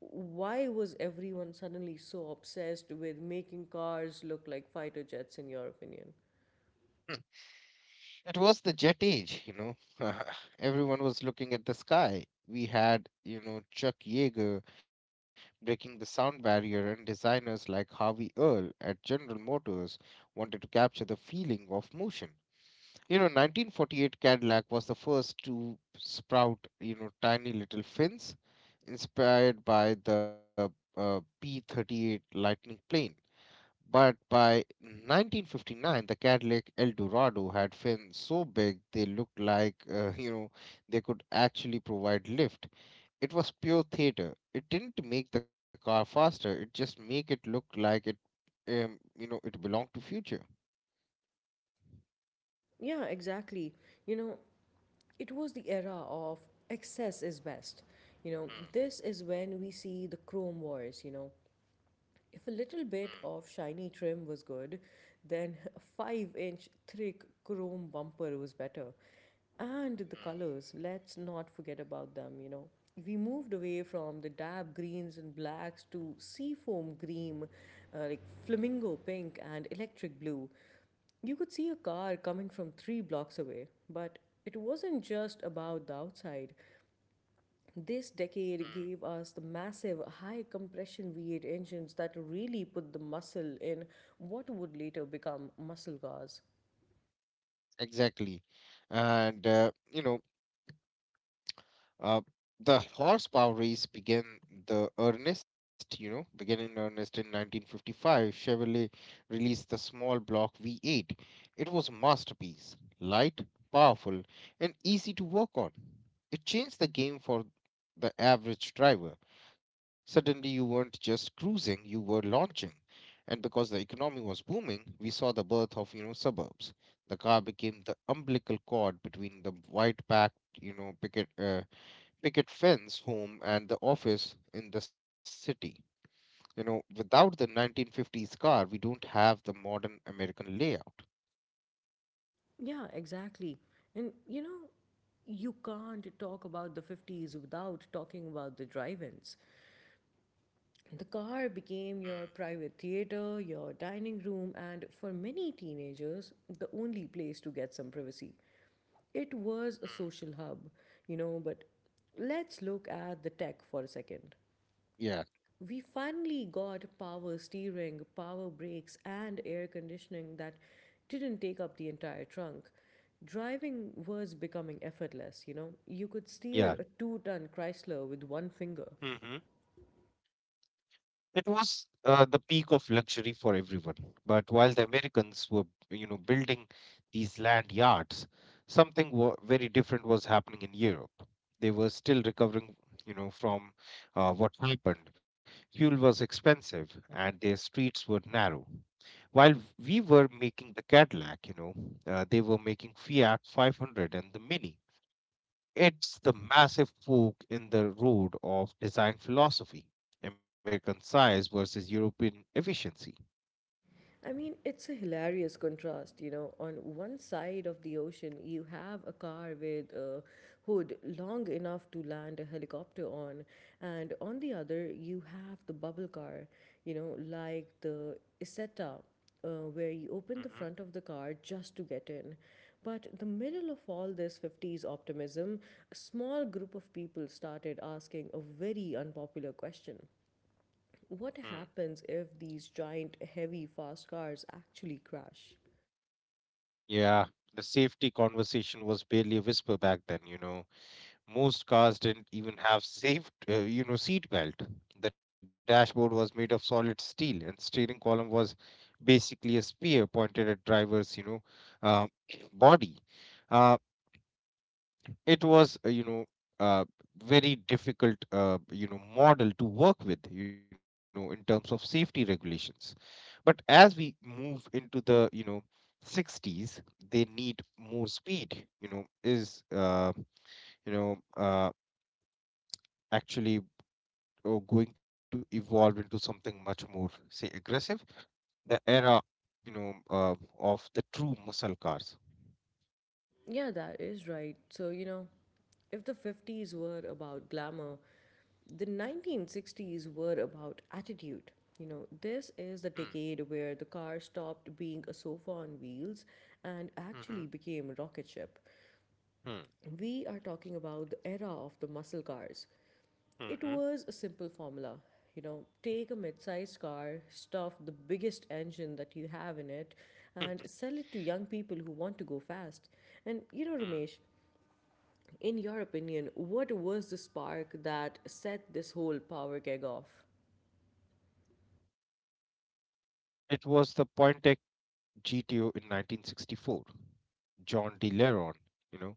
A: why was everyone suddenly so obsessed with making cars look like fighter jets, in your opinion?
B: It was the jet age, you know. Everyone was looking at the sky. We had, you know, Chuck Yeager breaking the sound barrier, and designers like Harvey Earl at General Motors wanted to capture the feeling of motion. You know, 1948 Cadillac was the first to sprout, you know, tiny little fins, inspired by the P 38 Lightning plane. But by 1959, the Cadillac Eldorado had fins so big they looked like, you know, they could actually provide lift. It was pure theater. It didn't make the car faster. It just make it look like it, you know, it belonged to future.
A: Yeah, exactly. You know, it was the era of excess is best. You know,
B: Mm,
A: this is when we see the Chrome Wars, you know.
B: mm,
A: If a little bit of shiny trim was good, then a 5-inch thick chrome bumper was better. And the
B: mm.
A: colors, let's not forget about them, you know. We moved away from the dab greens and blacks to seafoam green, like flamingo pink, and electric blue. You could see a car coming from 3 blocks away, but it wasn't just about the outside. This decade gave us the massive high compression V8 engines that really put the muscle in what would later become muscle cars.
B: Exactly. And, uh, you know, Uh, the horsepower race began the earnest, you know, began in earnest in 1955. Chevrolet released the small block V8. It was a masterpiece, light, powerful, and easy to work on. It changed the game for the average driver. Suddenly, you weren't just cruising, you were launching. And because the economy was booming, we saw the birth of, you know, suburbs. The car became the umbilical cord between the white packed, you know, picket fence, home, and the office in the city. You know, without the 1950s car, we don't have the modern American layout.
A: Yeah, exactly. And you know, you can't talk about the 50s without talking about the drive ins. The car became your private theater, your dining room, and for many teenagers, the only place to get some privacy. It was a social hub, you know, but let's look at the tech for a second.
B: Yeah,
A: We finally got power steering, power brakes, and air conditioning that didn't take up the entire trunk. Driving was becoming effortless, you know. You could steer a
B: yeah.
A: 2 ton Chrysler with one finger.
B: Mm-hmm. It was the peak of luxury for everyone. But while the Americans were, you know, building these land yards, very different was happening in Europe. They were still recovering, you know, from what happened. Fuel was expensive, and their streets were narrow. While we were making the Cadillac, you know, they were making Fiat 500 and the Mini. It's the massive fork in the road of design philosophy, American size versus European efficiency.
A: I mean, it's a hilarious contrast. You know, on one side of the ocean, you have a car with a hood long enough to land a helicopter on, and on the other, you have the bubble car, like the Isetta, where you open the
B: Hmm.
A: front of the car just to get in. But the middle of all this 50s optimism, a small group of people started asking a very unpopular question. What happens if these giant, heavy, fast cars actually crash?
B: Yeah, the safety conversation was barely a whisper back then, you know. Most cars didn't even have you know, seat belt. The dashboard was made of solid steel, and steering column was basically a spear pointed at driver's, uh, body. Uh, it was, you know, uh, very difficult, you know, model to work with, you know, in terms of safety regulations. But as we move into the, you know, 60s, they need more speed. You know, uh, actually or going to evolve into something much more, say, aggressive. The era, of the true muscle cars.
A: Yeah, that is right. So, you know, if the 50s were about glamour, the 1960s were about attitude. You know, this
B: Mm,
A: is the decade where the car stopped being a sofa on wheels and
B: mhm,
A: actually became a rocket ship.
B: mm,
A: We are talking about the era of the muscle cars. It
B: mhm,
A: was a simple formula. You know, take a mid sized car, stuff the biggest engine that you have in it, and
B: mm,
A: sell it to young people who want to go fast. And you know, Ramesh,
B: mm.
A: in your opinion, what was the spark that set this whole power gig off?
B: It was the Pointec GTO in 1964. John De Leron, you know,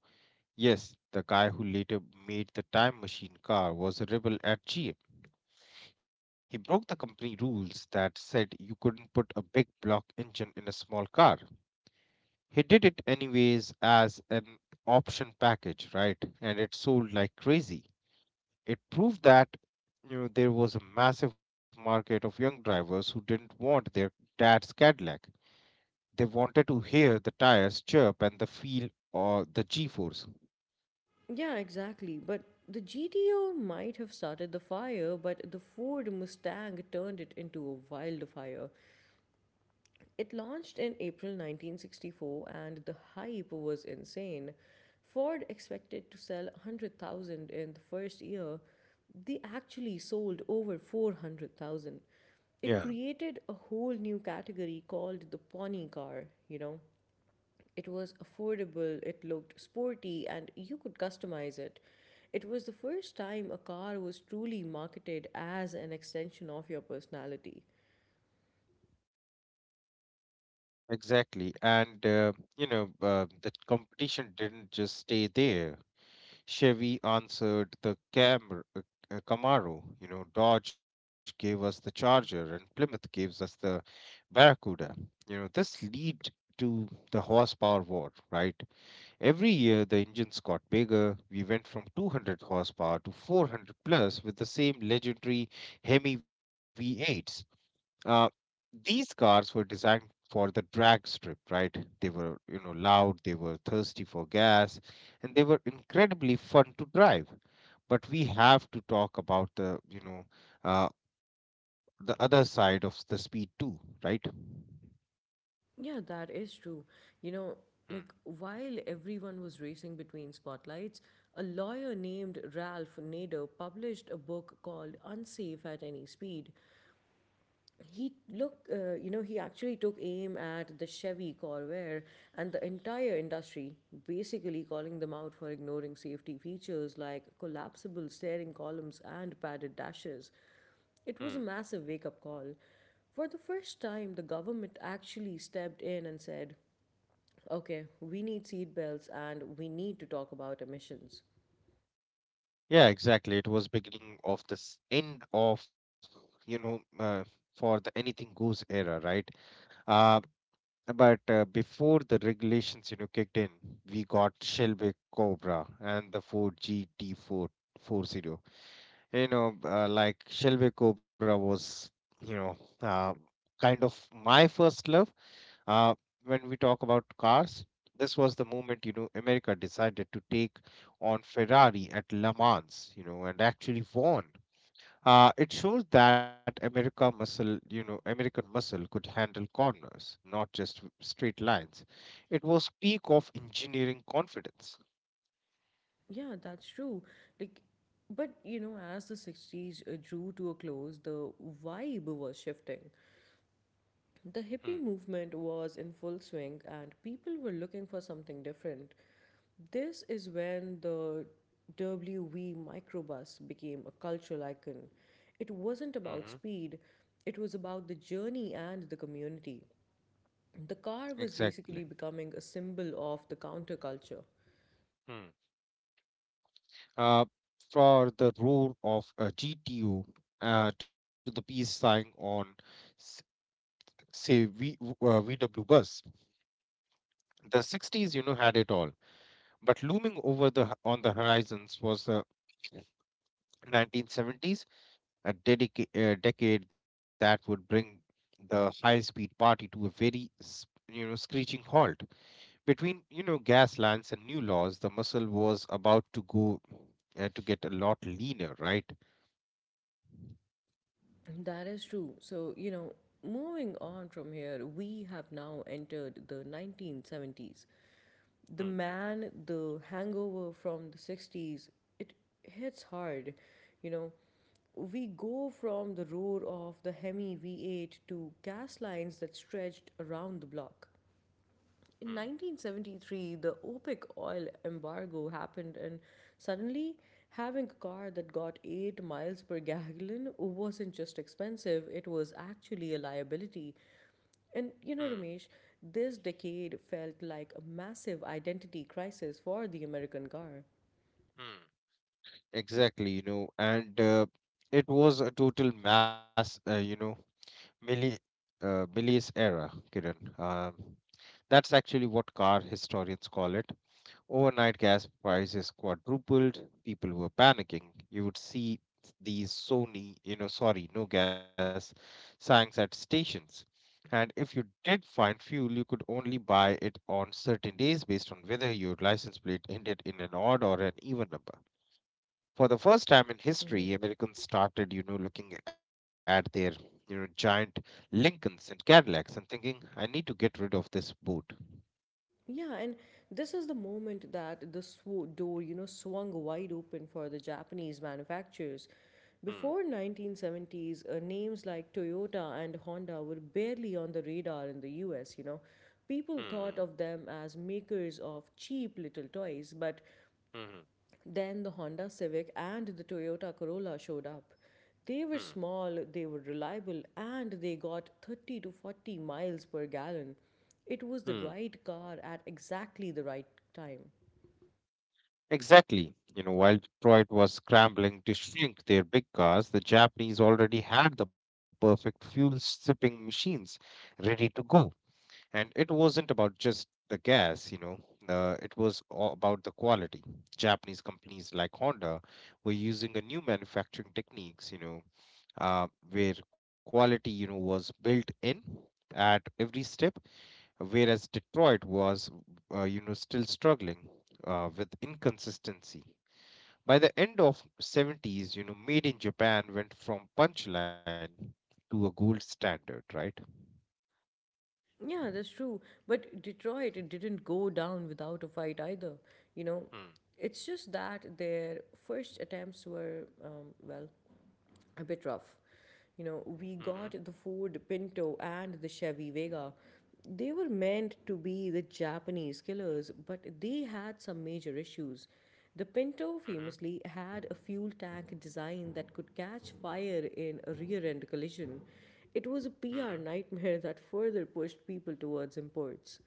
B: yes, the guy who later made the time machine car was a rebel at GM. He broke the company rules that said you couldn't put a big block engine in a small car. He did it anyways as an option package, right? And it sold like crazy. It proved that you know there was a massive market of young drivers who didn't want their dad's Cadillac. They wanted to hear the tires chirp and the feel or the G-force.
A: Yeah, exactly. But the GTO might have started the fire, but the Ford Mustang turned it into a wildfire. It launched in April 1964, and the hype was insane. Ford expected to sell 100,000 in the first year. They actually sold over 400,000. It
B: Yeah.
A: created a whole new category called the pony car, you know. It was affordable, it looked sporty, and you could customize it. It was the first time a car was truly marketed as an extension of your personality.
B: Exactly. The competition didn't just stay there. Chevy answered the Camaro, you know, Dodge gave us the Charger, and Plymouth gives us the Barracuda. You know, this lead to the horsepower war, right? Every year the engines got bigger. We went from 200 horsepower to 400 plus with the same legendary Hemi V8s. Uh, these cars were designed for the drag strip, right? They were, you know, loud, they were thirsty for gas, and they were incredibly fun to drive. But we have to talk about the, uh, the other side of the speed too, right?
A: Yeah, that is true. You know,
B: Hmm,
A: like while everyone was racing between spotlights, a lawyer named Ralph Nader published a book called Unsafe at Any Speed. He look, you know, he actually took aim at the Chevy Corvair and the entire industry, basically calling them out for ignoring safety features like collapsible steering columns and padded dashes. It was
B: hmm.
A: a massive wake-up call. For the first time, the government actually stepped in and said, okay, we need seat belts and we need to talk about emissions.
B: Yeah, exactly. It was beginning of this end of, you know, uh, for the anything goes era, right? Uh, but before the regulations you know kicked in, we got Shelby Cobra and the Ford gt440. Like Shelby Cobra was you know uh, kind of my first love uh, when we talk about cars. This was the moment you know America decided to take on Ferrari at Le Mans, you know, and actually won. It shows that American muscle could handle corners, not just straight lines. It was peak of engineering confidence.
A: Yeah, that's true. Like, but you know, as the 60s drew to a close, the vibe was shifting. The hippie movement was in full swing and people were looking for something different. This is when the WV microbus became a cultural icon. It wasn't
B: Mm-hmm.
A: about speed, it was about the journey and the community. The car was
B: Exactly.
A: basically becoming a symbol of the counterculture.
B: Mm. Uh, for the role of GTO to the peace sign on, s- VW bus. The 60s, you know, had it all. But looming over on the horizons was the 1970s, a decade that would bring the high-speed party to a very, you know, screeching halt. Between, you know, gas lines and new laws, the muscle was about to go to get a lot leaner, right?
A: That is true. So, you know, moving on from here, we have now entered the 1970s. The
B: Hmm,
A: man, the hangover from the 60s, it hits hard. You know, we go from the roar of the Hemi V8 to gas lines that stretched around the block.
B: hmm,
A: In 1973, the OPEC oil embargo happened, and suddenly having a car that got 8 miles per gallon wasn't just expensive, it was actually a liability. And you
B: hmm,
A: know, Ramesh, this decade felt like a massive identity crisis for the American car.
B: hmm. Exactly, you know, and it was a total mass, milli Millie's era, Kiran. That's actually what car historians call it. Overnight gas prices quadrupled. People were panicking. You would see these Sony, you know, sorry, no gas signs at stations. And if you did find fuel, you could only buy it on certain days based on whether your license plate ended in an odd or an even number. For the first time in history, Americans started, you know, looking at their, you know, giant Lincolns and Cadillacs and thinking, I need to get rid of this boat.
A: Yeah, and this is the moment that the door, you know, swung wide open for the Japanese manufacturers. Before
B: Hmm.
A: 1970s, names like Toyota and Honda were barely on the radar in the US, you know. People
B: Hmm.
A: thought of them as makers of cheap little toys, but
B: Hmm. Hmm.
A: then the Honda Civic and the Toyota Corolla showed up. They were
B: Hmm. Hmm,
A: small, they were reliable, and they got 30 to 40 miles per gallon. It was the
B: hmm.
A: right car at exactly the right time.
B: Exactly. You know, while Detroit was scrambling to shrink their big cars, the Japanese already had the perfect fuel sipping machines ready to go. And it wasn't about just the gas, it was all about the quality. Japanese companies like Honda were using a new manufacturing techniques, where quality, you know, was built in at every step, whereas Detroit was, you know, still struggling with inconsistency. By the end of 70s, you know, made in Japan went from punchline to a gold standard, right?
A: Yeah, that's true. But Detroit it didn't go down without a fight either. You know,
B: Mm,
A: it's just that their first attempts were, well, a bit rough. You know,
B: mhm,
A: we got the Ford Pinto and the Chevy Vega. They were meant to be the Japanese killers, but they had some major issues. The Pinto
B: mhm,
A: famously had a fuel tank design that could catch fire in a rear end collision. It was a
B: mhm.
A: PR nightmare that further pushed people towards imports.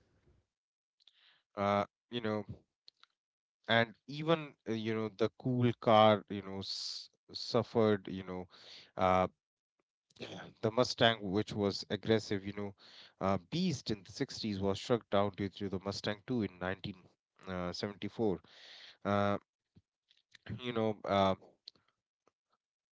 B: Uh, you know, and even you know the cool car, you know, s suffered, uh, the Mustang, which was aggressive, you know, beast in the 60s, was struck down due to the Mustang 2 in 1974. Uh, you know,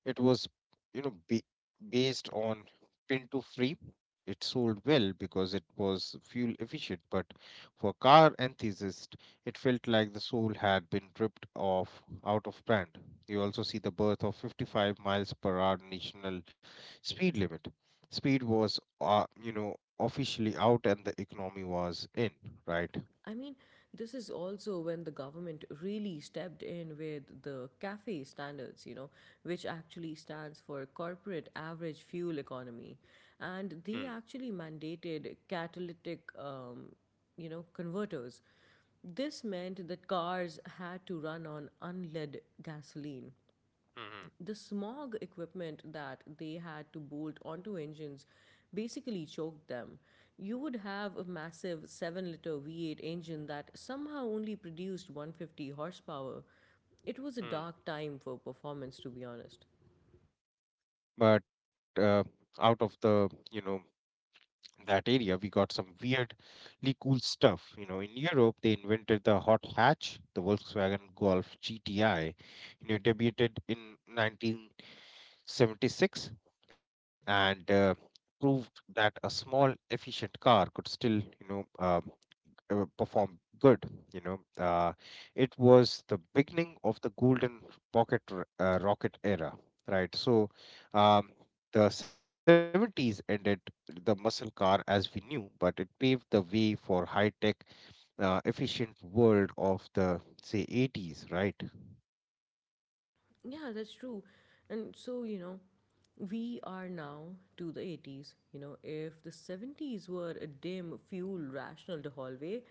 B: it was, you know, based on print to free. It sold well because it was fuel efficient, but for car enthusiasts, it felt like the soul had been ripped off out of brand. You also see the birth of 55 miles per hour national speed limit. Speed was, you know, officially out and the economy was in, right?
A: I mean, this is also when the government really stepped in with the CAFE standards, you know, which actually stands for Corporate Average Fuel Economy. And
B: Mm,
A: they actually mandated catalytic, you know, converters. This meant that cars had to run on unleaded gasoline,
B: mm-hmm,
A: the smog equipment that they had to bolt onto engines basically choked them. You would have a massive 7-liter V8 engine that somehow only produced 150 horsepower. It was a
B: mm.
A: dark time for performance, to be honest.
B: But out of the you know that area, we got some weirdly cool stuff. You know, in Europe, they invented the hot hatch, the Volkswagen Golf GTI, you know, debuted in 1976, and that a small, efficient car could still, you know, perform good. You know, uh, it was the beginning of the golden pocket rocket era, right? So, um, the 70s ended the muscle car as we knew, but it paved the way for high tech, efficient world of the say 80s, right? Mhm.
A: Yeah, that's true. And so, you know, we are now to the 80s. You know, if the 70s were a dim, fuel rational hallway,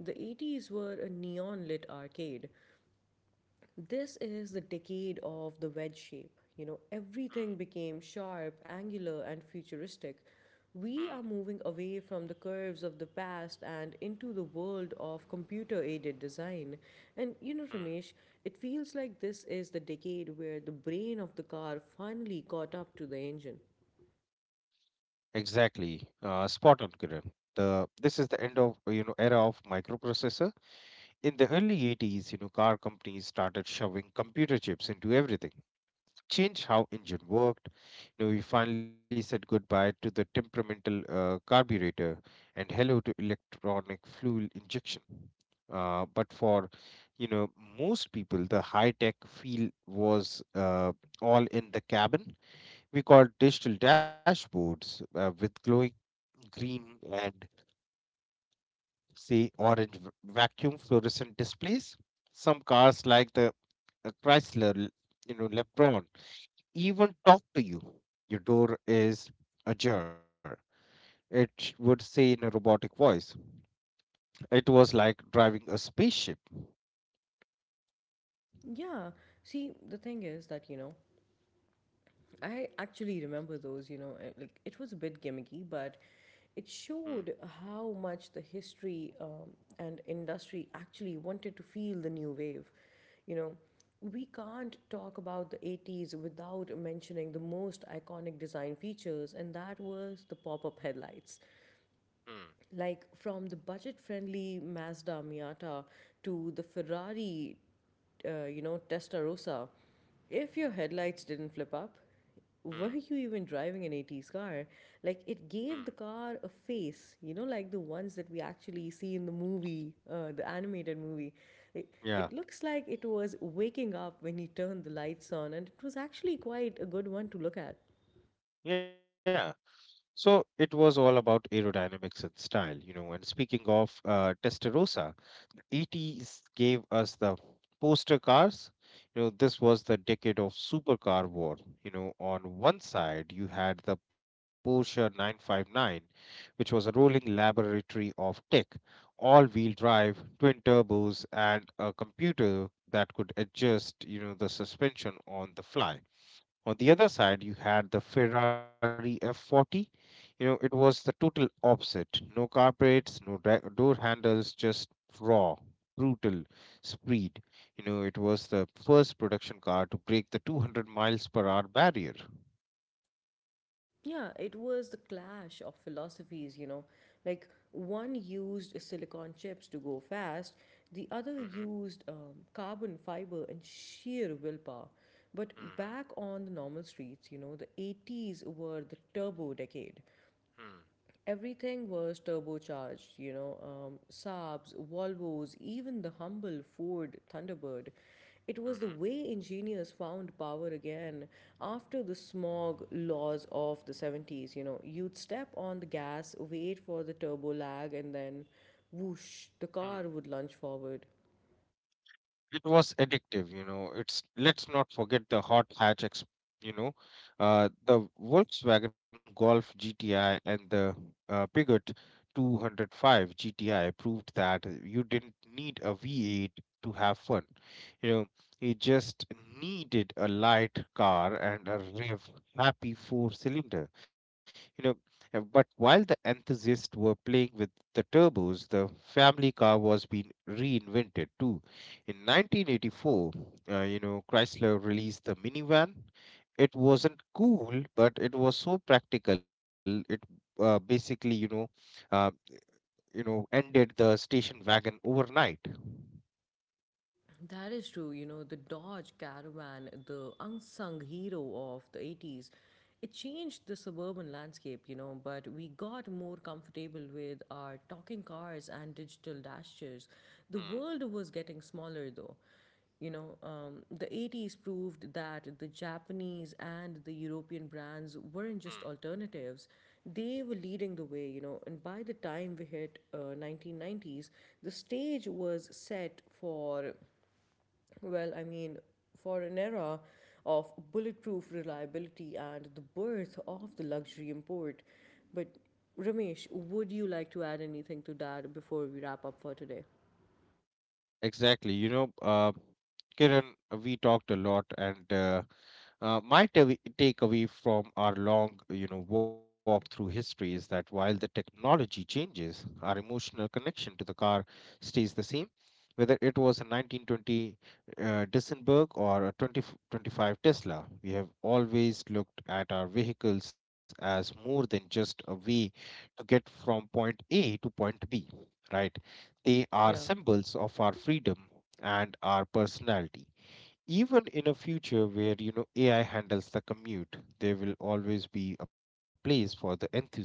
A: the 80s were a neon lit arcade. This is the decade of the wedge shape. You know, everything became sharp, angular, and futuristic. We are moving away from the curves of the past and into the world of computer aided design. And you know, Ramesh, it feels like this is the decade where the brain of the car finally caught up to the engine.
B: Exactly. Spot on, Kiran. The this is the end of you know era of microprocessor. In the early 80s, you know, car companies started shoving computer chips into everything. Changed how engine worked. You know, we finally said goodbye to the temperamental carburetor and hello to electronic fuel injection. But for, you know, most people, the high-tech feel was all in the cabin. We called digital dashboards with glowing green and say orange vacuum fluorescent displays. Some cars like the a Chrysler, you know, Lebron, even talk to you. Your door is ajar. It would say in a robotic voice. It was like driving a spaceship.
A: Yeah, see, the thing is that, you know, I actually remember those, you know, like it was a bit gimmicky, but it
B: Mm,
A: showed how much the history and industry actually wanted to feel the new wave. You know, we can't talk about the 80s without mentioning the most iconic design features, and that was the pop up headlights.
B: mm,
A: Like from the budget friendly Mazda Miata to the Ferrari, Testarossa, if your headlights didn't flip up, were you
B: mm,
A: even driving an 80s car? Like, it gave the
B: mm.
A: car a face, you know, like the ones that we actually see in the movie, the animated movie. It, it looks
B: Yeah,
A: like it was waking up when you turned the lights on, and it was actually quite a good one to look at.
B: yeah. So it was all about aerodynamics and style, you know. And speaking of Testarossa, 80s gave us the poster cars. You know, this was the decade of supercar war. You know, on one side, you had the Porsche 959, which was a rolling laboratory of tech, all wheel drive, twin turbos, and a computer that could adjust, you know, the suspension on the fly. On the other side, you had the Ferrari F40. You know, it was the total opposite. No carpets, no dra- door handles, just raw, brutal speed. You know, it was the first production car to break the 200 miles per hour barrier.
A: Yeah, it was the clash of philosophies, you know. Like one used silicon chips to go fast, the other
B: Mm-hmm.
A: used carbon fiber and sheer willpower. But back on the normal streets, you know, the 80s were the turbo decade.
B: Hmm,
A: Everything was turbocharged, you know, Saabs, Volvos, even the humble Ford Thunderbird. It was the way engineers found power again after the smog laws of the 70s. You know, you'd step on the gas, wait for the turbo lag, and then whoosh, the
B: hmm.
A: car would lunge forward.
B: It was addictive, you know. It's let's not forget the hot hatch, you know, the Volkswagen Golf GTI and the Peugeot 205 GTI proved that you didn't need a V8 to have fun, you know. You just needed a light car and a rev happy four cylinder, you know, but while the enthusiasts were playing with the turbos, the family car was being reinvented too. In 1984, you know, Chrysler released the minivan. It wasn't cool, but it was so practical. It basically, uh, you know, ended the station wagon overnight. Hmm,
A: That is true. You know, the Dodge Caravan, the unsung hero of the 80s, it changed the suburban landscape, you know, but we got more comfortable with our talking cars and digital dashers. The world was getting smaller, though. You know, the 80s proved that the Japanese and the European brands weren't
B: hmm.
A: just alternatives, they were leading the way, you know. And by the time we hit 1990s, the stage was set for well, I mean, for an era of bulletproof reliability and the birth of the luxury import. But Ramesh, would you like to add anything to that before we wrap up for today?
B: Exactly. You know, Kiran, we talked a lot, and my takeaway from our long, you know, walk through history is that while the technology changes, our emotional connection to the car stays the same. Whether it was a 1920 Dissenberg or a 2025 Tesla, we have always looked at our vehicles as more than just a way to get from point A to point B, right? They are
A: Yeah,
B: symbols of our freedom and our personality, even in a future where you know AI handles the commute, there will always be a place for the enthusiast,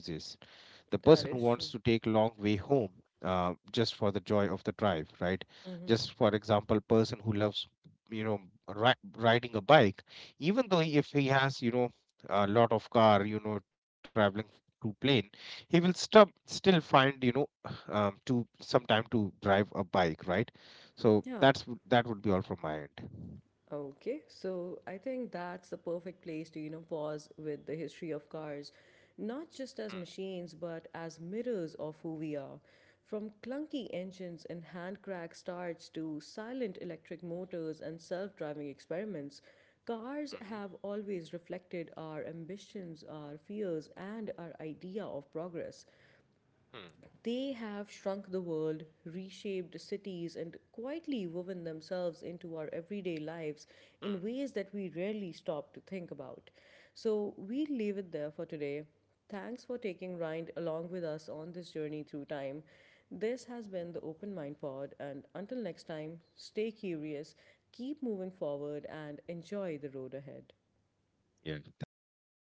B: the person who
A: that
B: wants
A: is
B: to
A: true.
B: take long way home, just for the joy of the drive, right?
A: Mm-hmm.
B: Just for example, person who loves you know riding a bike, even though if he has you know a lot of car, you know traveling to plane, he will stub still find you know to some time to drive a bike, right? So
A: Yeah.
B: that would be all from my end.
A: Okay, so I think that's the perfect place to, you know, pause with the history of cars, not just as machines, but as mirrors of who we are. From clunky engines and hand cracked starts to silent electric motors and self driving experiments, cars
B: Hmm,
A: have always reflected our ambitions, our fears, and our idea of progress.
B: hmm,
A: They have shrunk the world, reshaped cities, and quietly woven themselves into our everyday lives
B: hmm.
A: in ways that we rarely stop to think about. So we leave it there for today. Thanks for taking Rind along with us on this journey through time. This has been the Open Mind Pod, and until next time, stay curious, keep moving forward, and enjoy the road ahead.
B: Yeah, thank you.